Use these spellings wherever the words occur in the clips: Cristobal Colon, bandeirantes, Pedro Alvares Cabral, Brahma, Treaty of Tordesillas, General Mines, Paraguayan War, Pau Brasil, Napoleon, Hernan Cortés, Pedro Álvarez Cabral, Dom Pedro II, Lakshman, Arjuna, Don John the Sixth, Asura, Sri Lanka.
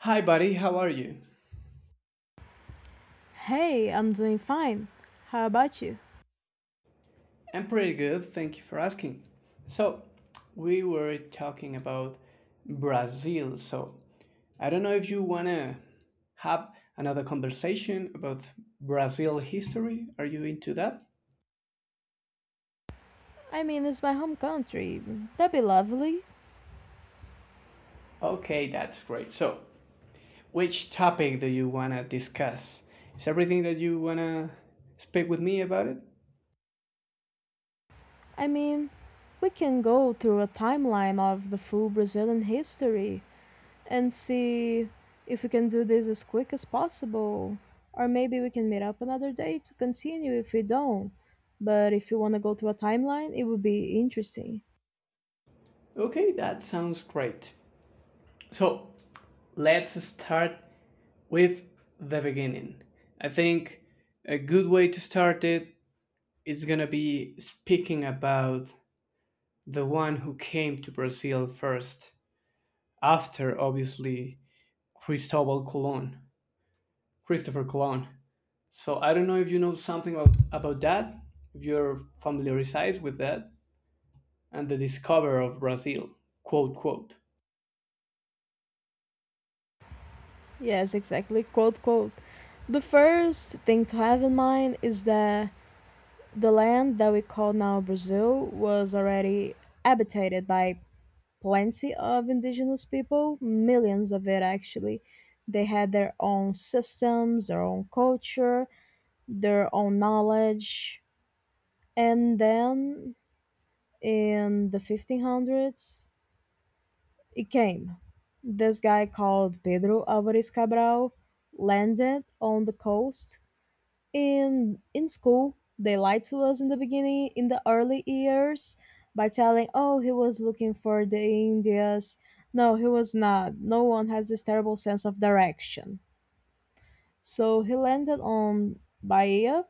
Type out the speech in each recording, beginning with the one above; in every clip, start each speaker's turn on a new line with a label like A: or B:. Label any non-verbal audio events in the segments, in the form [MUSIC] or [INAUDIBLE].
A: Hi, buddy. How are you?
B: Hey, I'm doing fine. How about you?
A: I'm pretty good. Thank you for asking. So, we were talking about Brazil. I don't know if you want to have another conversation about Brazil history. Are you into that?
B: I mean, it's my home country. That'd be lovely.
A: Okay, that's great. Which topic do you want to discuss? Is everything that you want to speak with me about it?
B: I mean, we can go through a timeline of the full Brazilian history and see if we can do this as quick as possible. Or maybe we can meet up another day to continue if we don't. But if you want to go through a timeline, it would be interesting.
A: Okay, that sounds great. So, let's start with the beginning. I think a good way to start it is going to be speaking about the one who came to Brazil first, after obviously Cristobal Colon, Christopher Colon. So I don't know if you know something about that, if you're familiarized with that, and the discoverer of Brazil, quote, quote.
B: Yes, exactly. Quote, quote. The first thing to have in mind is that the land that we call now Brazil was already habitated by plenty of indigenous people, millions of it actually. They had their own systems, their own culture, their own knowledge. And then in the 1500s, it came. This guy called Pedro Alvares Cabral landed on the coast. In school, they lied to us in the beginning, in the early years, by telling, oh, he was looking for the Indians. No, he was not. No one has this terrible sense of direction. So he landed on Bahia,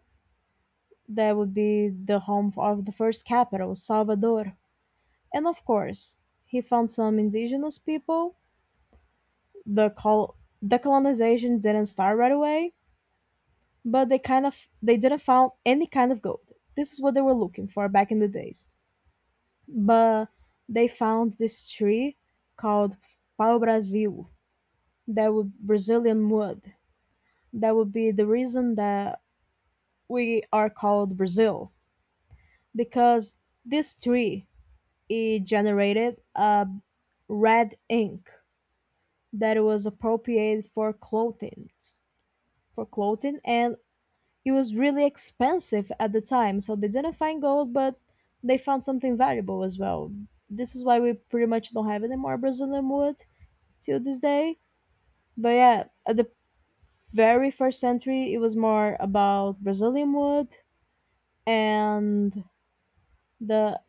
B: that would be the home of the first capital, Salvador. And of course he found some indigenous people. the col- the colonization didn't start right away, but they didn't found any kind of gold. This is what they were looking for back in the days. But they found this tree called Pau Brasil, that would Brazilian wood. That would be the reason that we are called Brazil, because this tree, it generated a red ink that was appropriated for clothing and It was really expensive at the time, so they didn't find gold, but they found something valuable as well. This is why we pretty much don't have any more Brazilian wood till this day. But yeah, at the very first century, it was more about Brazilian wood and the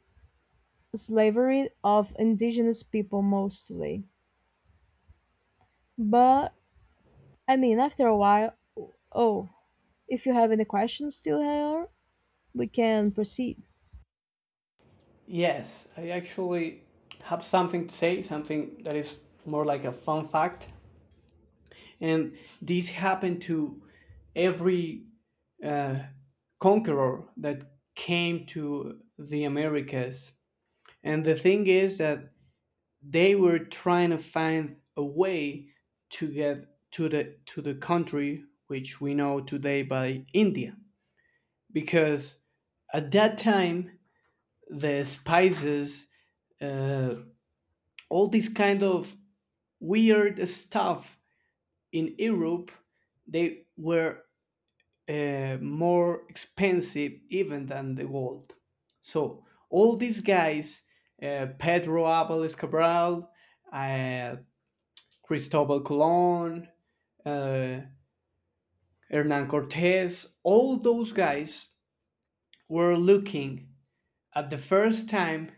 B: slavery of indigenous people mostly. But I mean, after a while, oh, if you have any questions still here, we can proceed.
A: Yes, I actually have something to say, something that is more like a fun fact and this happened to every uh, conqueror that came to the Americas. And the thing is that they were trying to find a way to get to the country which we know today by India, because at that time the spices, uh, all this kind of weird stuff in Europe, they were more expensive even than the gold. So all these guys, Pedro Álvarez Cabral, uh, Cristobal Colon, uh, Hernan Cortés, all those guys were looking at the first time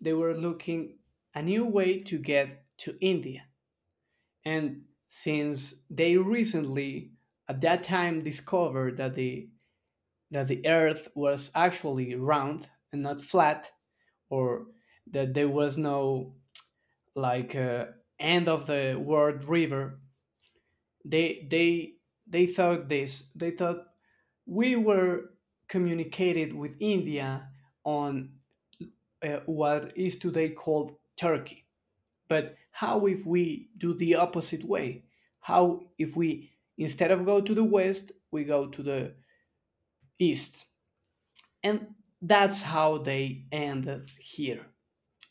A: they were looking a new way to get to India. And since they recently at that time discovered that the earth was actually round and not flat or that there was no like end of the world river they they they thought this they thought we were communicated with India on what is today called Turkey. But how if we do the opposite way? How if we, instead of go to the west, we go to the east? And that's how they ended here.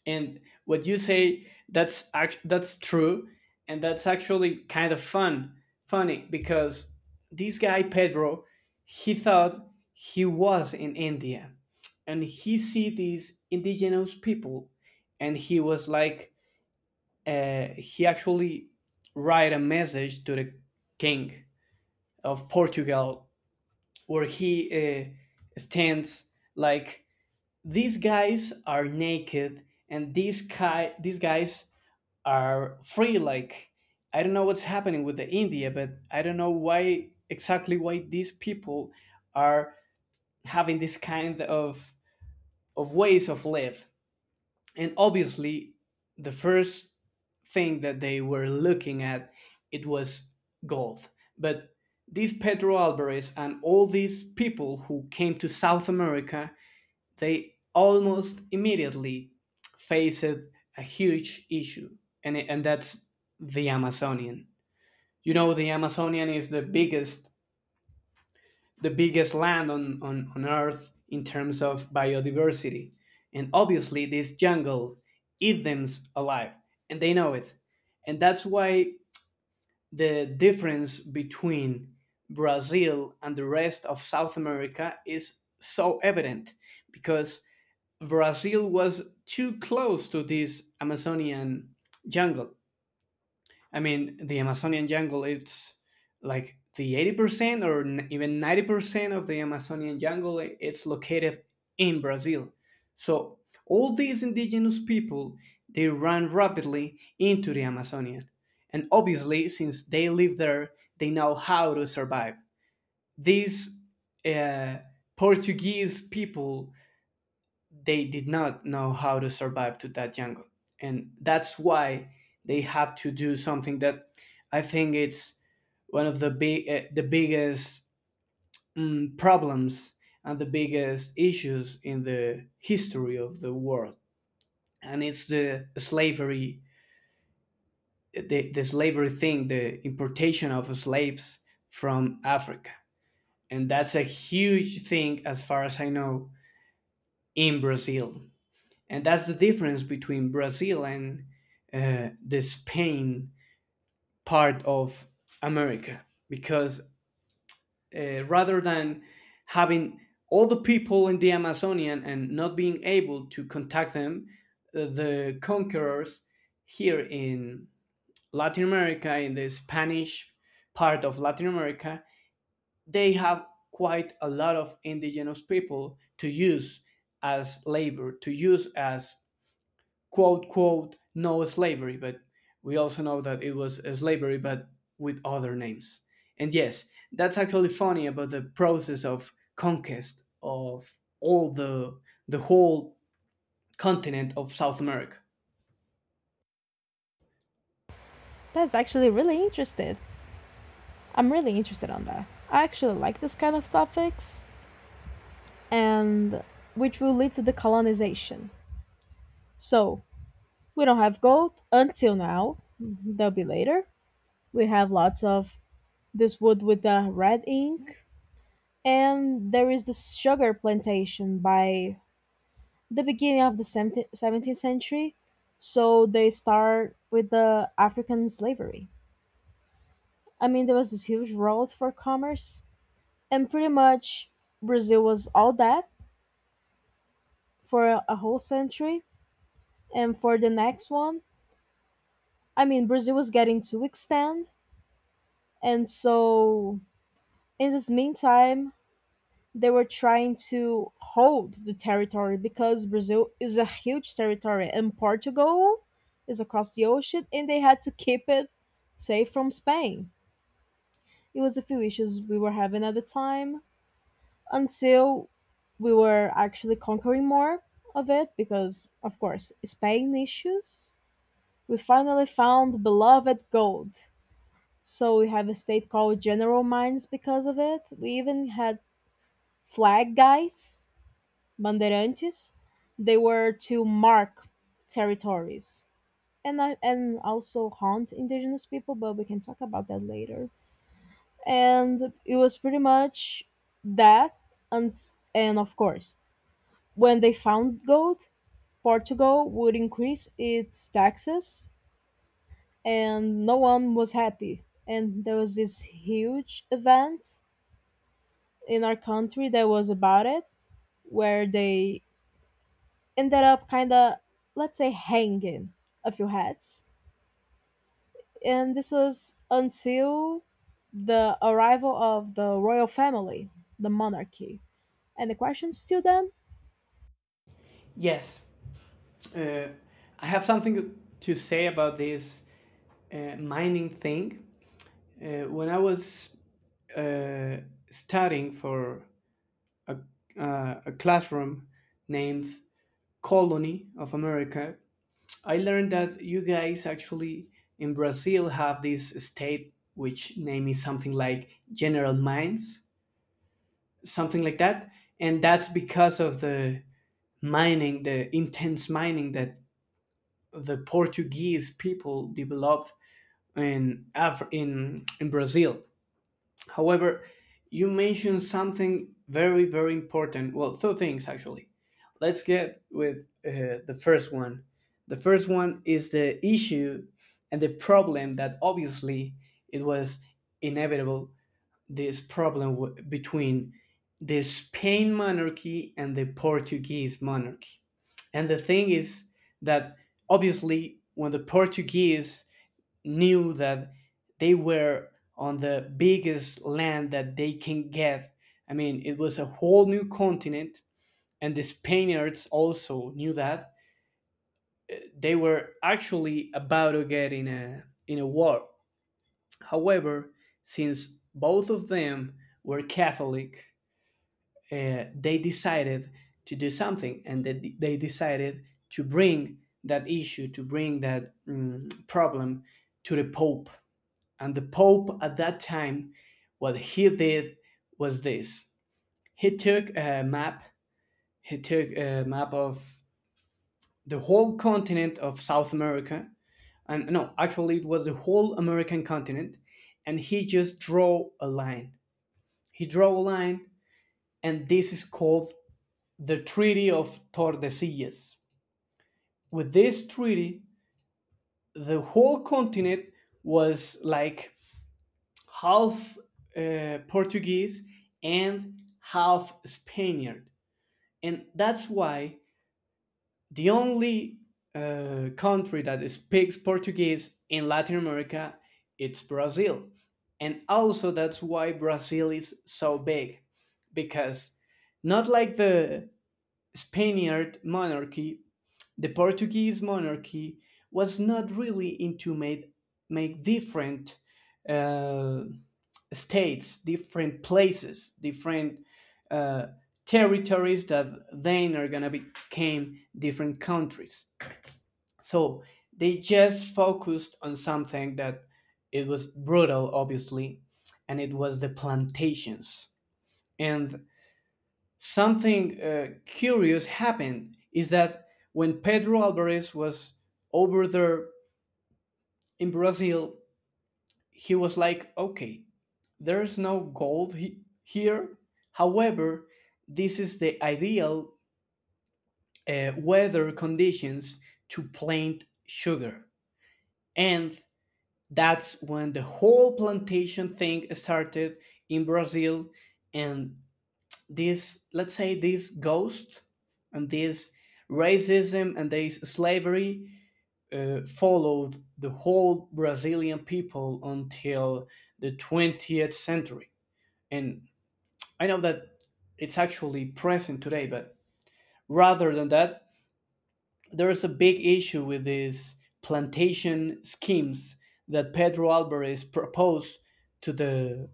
A: And what you say that's act- that's true, and that's actually kind of funny because this guy Pedro, he thought he was in India, and he see these indigenous people, and he was like, he actually write a message to the king of Portugal where he stands like, these guys are naked and these guys are free. Like, I don't know what's happening with the India, but I don't know why exactly why these people are having this kind of ways of live. And obviously the first thing that they were looking at, it was gold. But this Pedro Alvarez and all these people who came to South America, they almost immediately faced a huge issue, and that's the Amazonian. You know, the Amazonian is the biggest land on Earth in terms of biodiversity. And obviously, this jungle eats them alive, and they know it. And that's why the difference between Brazil and the rest of South America is so evident, because Brazil was too close to this Amazonian jungle. I mean, the Amazonian jungle, it's like the 80% or even 90% of the Amazonian jungle, it's located in Brazil. So all these indigenous people, they ran rapidly into the Amazonian. And obviously, since they live there, they know how to survive. These uh, Portuguese people, they did not know how to survive to that jungle, and that's why they have to do something that I think it's one of the biggest problems and the biggest issues in the history of the world, and it's the slavery, the slavery thing, the importation of slaves from Africa. And that's a huge thing, as far as I know, in Brazil. And that's the difference between Brazil and the Spain part of America, because rather than having all the people in the Amazonian and not being able to contact them, the conquerors here in Latin America, in the Spanish part of Latin America, they have quite a lot of indigenous people to use as labor, to use as quote quote no slavery, but we also know that it was a slavery but with other names. And yes, that's actually funny about the process of conquest of all the whole continent of South America.
B: That's actually really interesting. I'm really interested on that. I actually like this kind of topics, and which will lead to the colonization. So, we don't have gold until now. There'll be later. We have lots of this wood with the red ink, and there is this sugar plantation by the beginning of the 17th century. So, they start with the African slavery. I mean, there was this huge road for commerce, and pretty much Brazil was all that for a whole century. And for the next one, I mean, Brazil was getting too extend, and so in this meantime they were trying to hold the territory, because Brazil is a huge territory and Portugal is across the ocean, and they had to keep it safe from Spain. It was a few issues we were having at the time, until we were actually conquering more of it because of course Spain issues. We finally found beloved gold. So we have a state called General Mines because of it. We even had flag guys, bandeirantes. They were to mark territories, and also haunt indigenous people, but we can talk about that later. And it was pretty much that. and and of course, when they found gold, Portugal would increase its taxes and no one was happy. And there was this huge event in our country that was about it, where they ended up kind of, let's say, hanging a few hats. And this was until the arrival of the royal family, the monarchy. And the question still then?
A: Yes, uh, I have something to say about this mining thing. When I was uh, studying for a, a classroom named Colony of America, I learned that you guys actually in Brazil have this state which name is something like General Mines, something like that, and that's because of the mining, the intense mining that the Portuguese people developed in in Brazil. However, you mentioned something very, very important. Well, two things actually. Let's get with the first one. The first one is the issue and the problem that obviously it was inevitable, this between the Spain monarchy and the Portuguese monarchy. And the thing is that obviously when the Portuguese knew that they were on the biggest land that they can get. I mean, it was a whole new continent, and the Spaniards also knew that they were actually about to get in a war. However, since both of them were Catholic, they decided to do something, and they decided to bring that issue, to bring that problem to the Pope. And the Pope at that time, what he did was this: he took a map, he took a map of the whole continent of South America, and no, actually it was the whole American continent, and he just draw a line. He draw a line, and this is called the Treaty of Tordesillas. With this treaty, the whole continent was like half Portuguese and half Spaniard. And that's why the only country that speaks Portuguese in Latin America, it's Brazil. And also that's why Brazil is so big, because not like the Spaniard monarchy, the Portuguese monarchy was not really into made make different uh, states, different places, different uh, territories that then are gonna become different countries. So they just focused on something that it was brutal, obviously, and it was the plantations. And something curious happened is that when Pedro Alvarez was over there in Brazil, he was like, okay, there is no gold here. However, this is the ideal weather conditions to plant sugar. And that's when the whole plantation thing started in Brazil. And this, let's say, this ghost and this racism and this slavery followed the whole Brazilian people until the 20th century. And I know that it's actually present today, but rather than that, there is a big issue with these plantation schemes that Pedro Alvarez proposed to the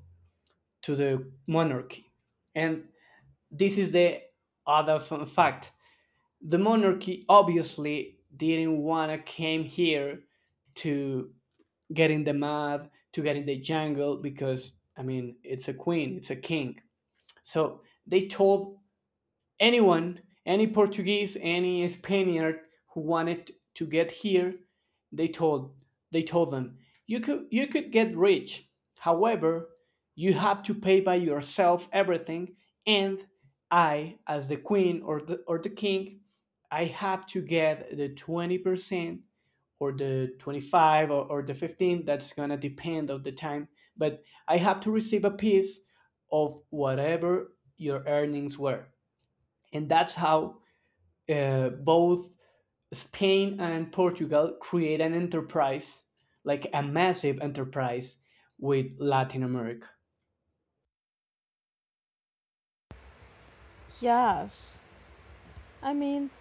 A: to the monarchy. And this is the other fun fact. The monarchy obviously didn't wanna came here to get in the mud, to get in the jungle, because I mean it's a queen, it's a king. So they told anyone, any Portuguese, any Spaniard who wanted to get here, they told they told them, you could get rich. However, you have to pay by yourself everything, and I, as the queen or the king, I have to get the 20% or the 25 or the 15, that's gonna depend of the time, but I have to receive a piece of whatever your earnings were. And that's how both Spain and Portugal create an enterprise, like a massive enterprise with Latin America.
B: Yes. I mean,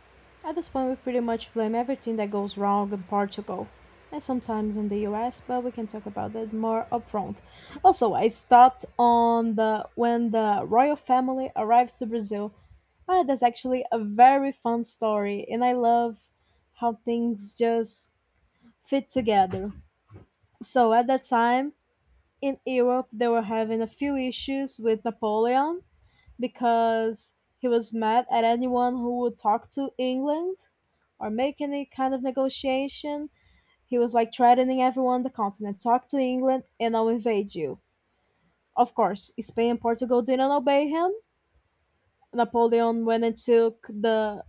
B: at this point, we pretty much blame everything that goes wrong in Portugal and sometimes in the US, but we can talk about that more upfront. Also, I stopped on the when the royal family arrives to Brazil. Ah, that's actually a very fun story, and I love how things just fit together. So at that time in Europe, they were having a few issues with Napoleon because he was mad at anyone who would talk to England or make any kind of negotiation. He was like threatening everyone on the continent, talk to England and I'll invade you. Of course, Spain and Portugal didn't obey him. Napoleon went and took the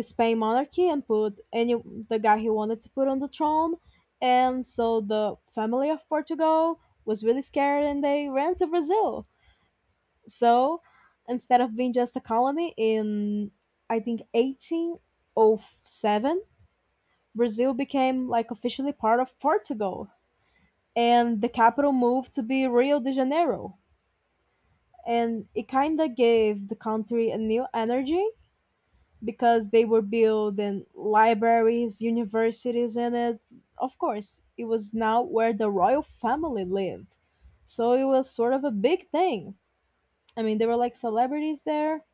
B: Spain monarchy and put any the guy he wanted to put on the throne. And so the family of Portugal was really scared and they ran to Brazil. So instead of being just a colony in, I think, 1807, Brazil became like officially part of Portugal. And the capital moved to be Rio de Janeiro. And it kind of gave the country a new energy because they were building libraries, universities in it. Of course, it was now where the royal family lived. So it was sort of a big thing. I mean, there were like celebrities there,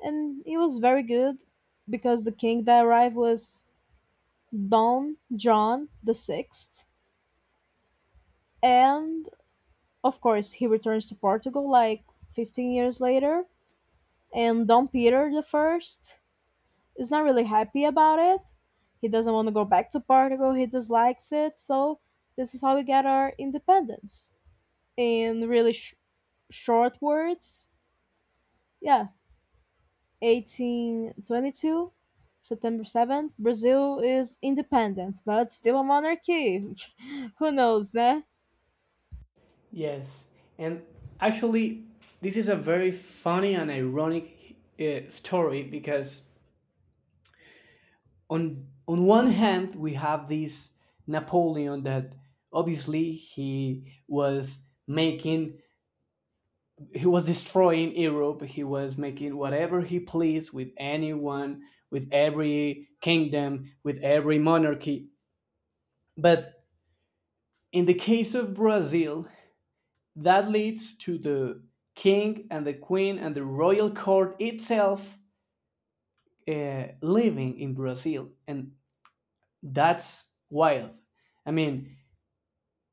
B: and it was very good because the king that arrived was Don John the Sixth, and of course he returns to Portugal like 15 years later. And Don Peter the First is not really happy about it. He doesn't want to go back to Portugal. He dislikes it. So this is how we get our independence. In really short words, yeah, 1822, September 7th, Brazil is independent, but still a monarchy. [LAUGHS] Who knows, né?
A: Yes, and actually, this is a very funny and ironic story because on one hand we have this Napoleon that obviously he was destroying Europe. He was making whatever he pleased with anyone, with every kingdom, with every monarchy. But in the case of Brazil, that leads to the king and the queen and the royal court itself living in Brazil. And that's wild. I mean,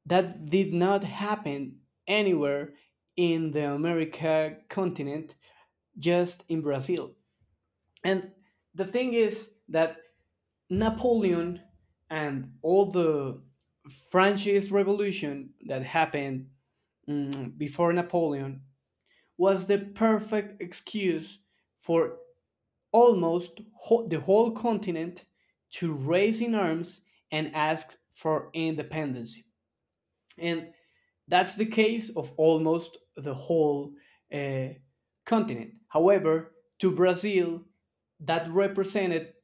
A: that did not happen anywhere in the America continent, just in Brazil. And the thing is that Napoleon and all the Franchise Revolution that happened before Napoleon was the perfect excuse for the whole continent to raise in arms and ask for independence. And that's the case of almost the whole uh, continent. However, to Brazil, that represented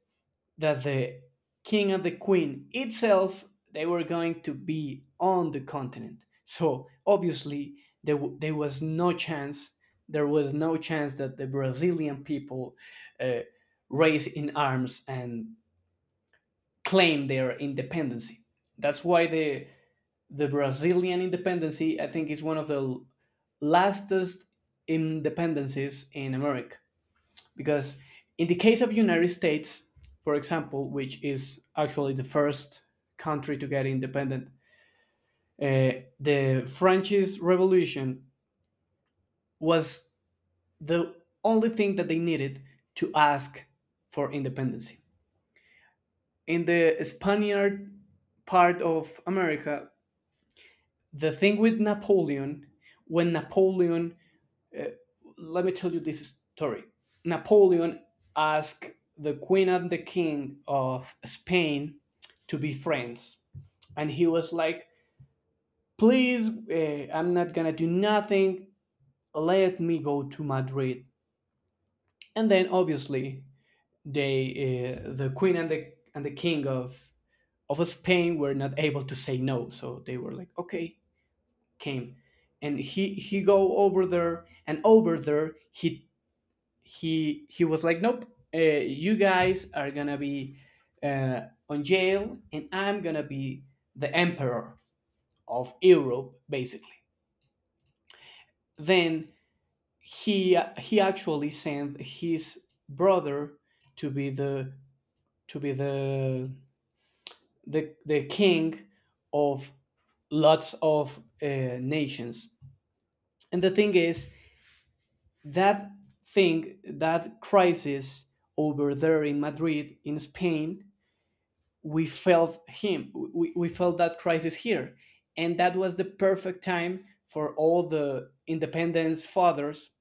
A: that the king and the queen itself, they were going to be on the continent, so obviously there was no chance, there was no chance that the Brazilian people uh, raise in arms and claim their independence. That's why the Brazilian independence, I think, is one of the lastest independencies in America, because in the case of United States, for example, which is actually the first country to get independent, uh, the French Revolution was the only thing that they needed to ask for independence. In the Spaniard part of America, the thing with Napoleon, when napoleon Uh, let me tell you this story. Napoleon asked the queen and the king of Spain to be friends, and he was like, "Please, I'm not gonna do nothing. Let me go to Madrid." And then obviously they, the queen and the king of Spain were not able to say no, so they were like, "Okay, came." And he go over there, and over there he was like, nope, you guys are gonna be uh, on jail, and I'm gonna be the emperor of Europe, basically. Then he actually sent his brother to be to be the the king of lots of nations. And the thing is that thing that crisis over there in Madrid in Spain, we felt that crisis here. And that was the perfect time for all the independence fathers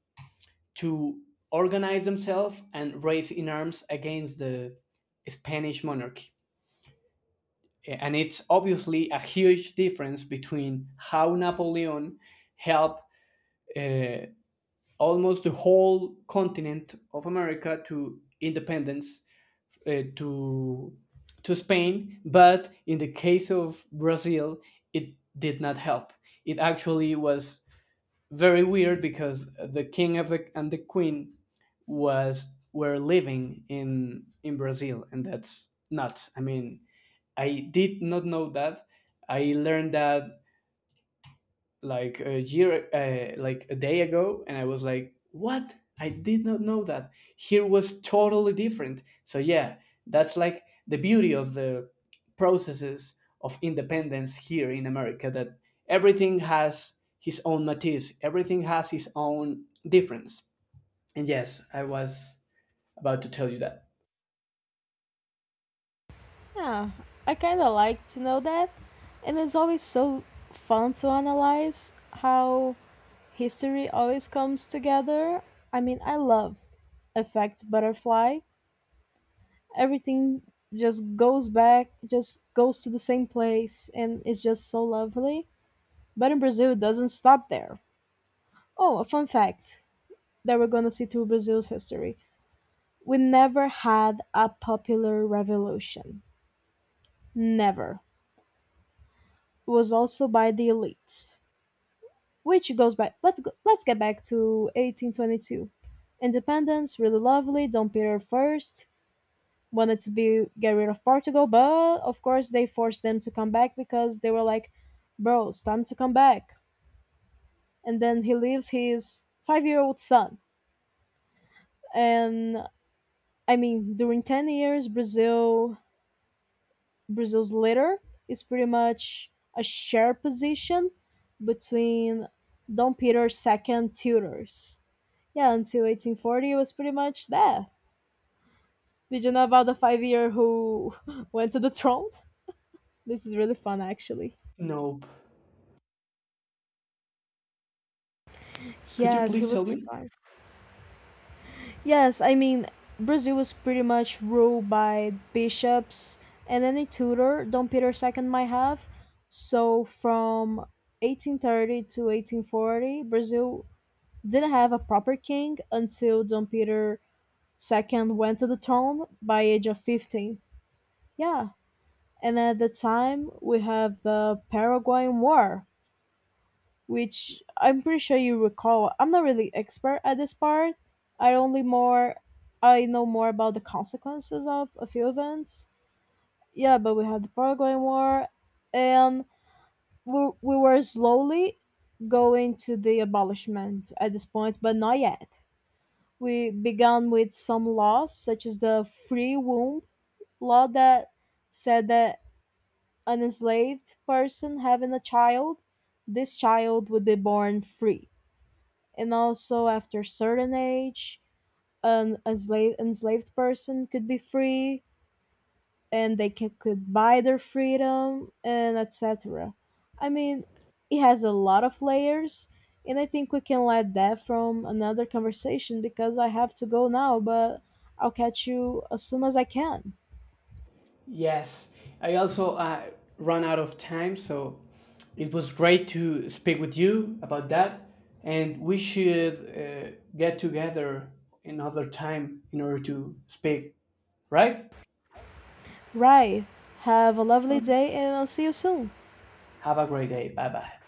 A: to organize themselves and raise in arms against the Spanish monarchy. And it's obviously a huge difference between how Napoleon helped uh, almost the whole continent of America to independence uh, to to Spain, but in the case of Brazil, it did not help. It actually was very weird because the king of and the queen was were living in Brazil, and that's nuts. I mean, I did not know that. I learned that like a year like a day ago, and I was like, what, I did not know that. Here was totally different, so yeah, that's like the beauty of the processes of independence here in America, that everything has his own matiz, everything has his own difference. And yes, I was about to tell you that.
B: Yeah, I kind of like to know that. And it's always so fun to analyze how history always comes together. I mean, I love Effect Butterfly. Everything just goes back, just goes to the same place, and it's just so lovely. But in Brazil, it doesn't stop there. Oh, a fun fact that we're going to see through Brazil's history. We never had a popular revolution. Never. It was also by the elites, which goes back. Let's get back to 1822. Independence, really lovely. Dom Pedro the first wanted to be get rid of Portugal, but of course they forced them to come back because they were like, "Bro, it's time to come back." And then he leaves his five-year-old son, and I mean, during 10 years, Brazil's leader is pretty much a shared position between Dom Peter's second tutors. Yeah, until 1840, it was pretty much that. Did you know about the 5 year who [LAUGHS] went to the throne? This is really fun, actually.
A: Nope. Could you
B: Yes, he
A: please
B: was
A: tell me?
B: five. Yes, I mean, Brazil was pretty much ruled by bishops and any tutor Dom Peter Second might have. So from 1830 to 1840, Brazil didn't have a proper king until Don Peter II went to the throne by age of 15. Yeah, and at the time we have the Paraguayan War, which I'm pretty sure you recall. I'm not really expert at this part. I only more I know more about the consequences of a few events. Yeah, but we had the Paraguayan War, and we were slowly going to the abolishment at this point, but not yet. We began with some laws, such as the free womb law that said that an enslaved person having a child, this child would be born free. And also, after a certain age, enslaved person could be free, and could buy their freedom and etc. I mean, it has a lot of layers, and I think we can let that from another conversation because I have to go now, but I'll catch you as soon as I can.
A: Yes, I also run out of time, so it was great to speak with you about that. And we should get together another time in order to speak, right?
B: Right. Have a lovely
A: Okay.
B: day, and I'll see you soon.
A: Have a great day. Bye bye.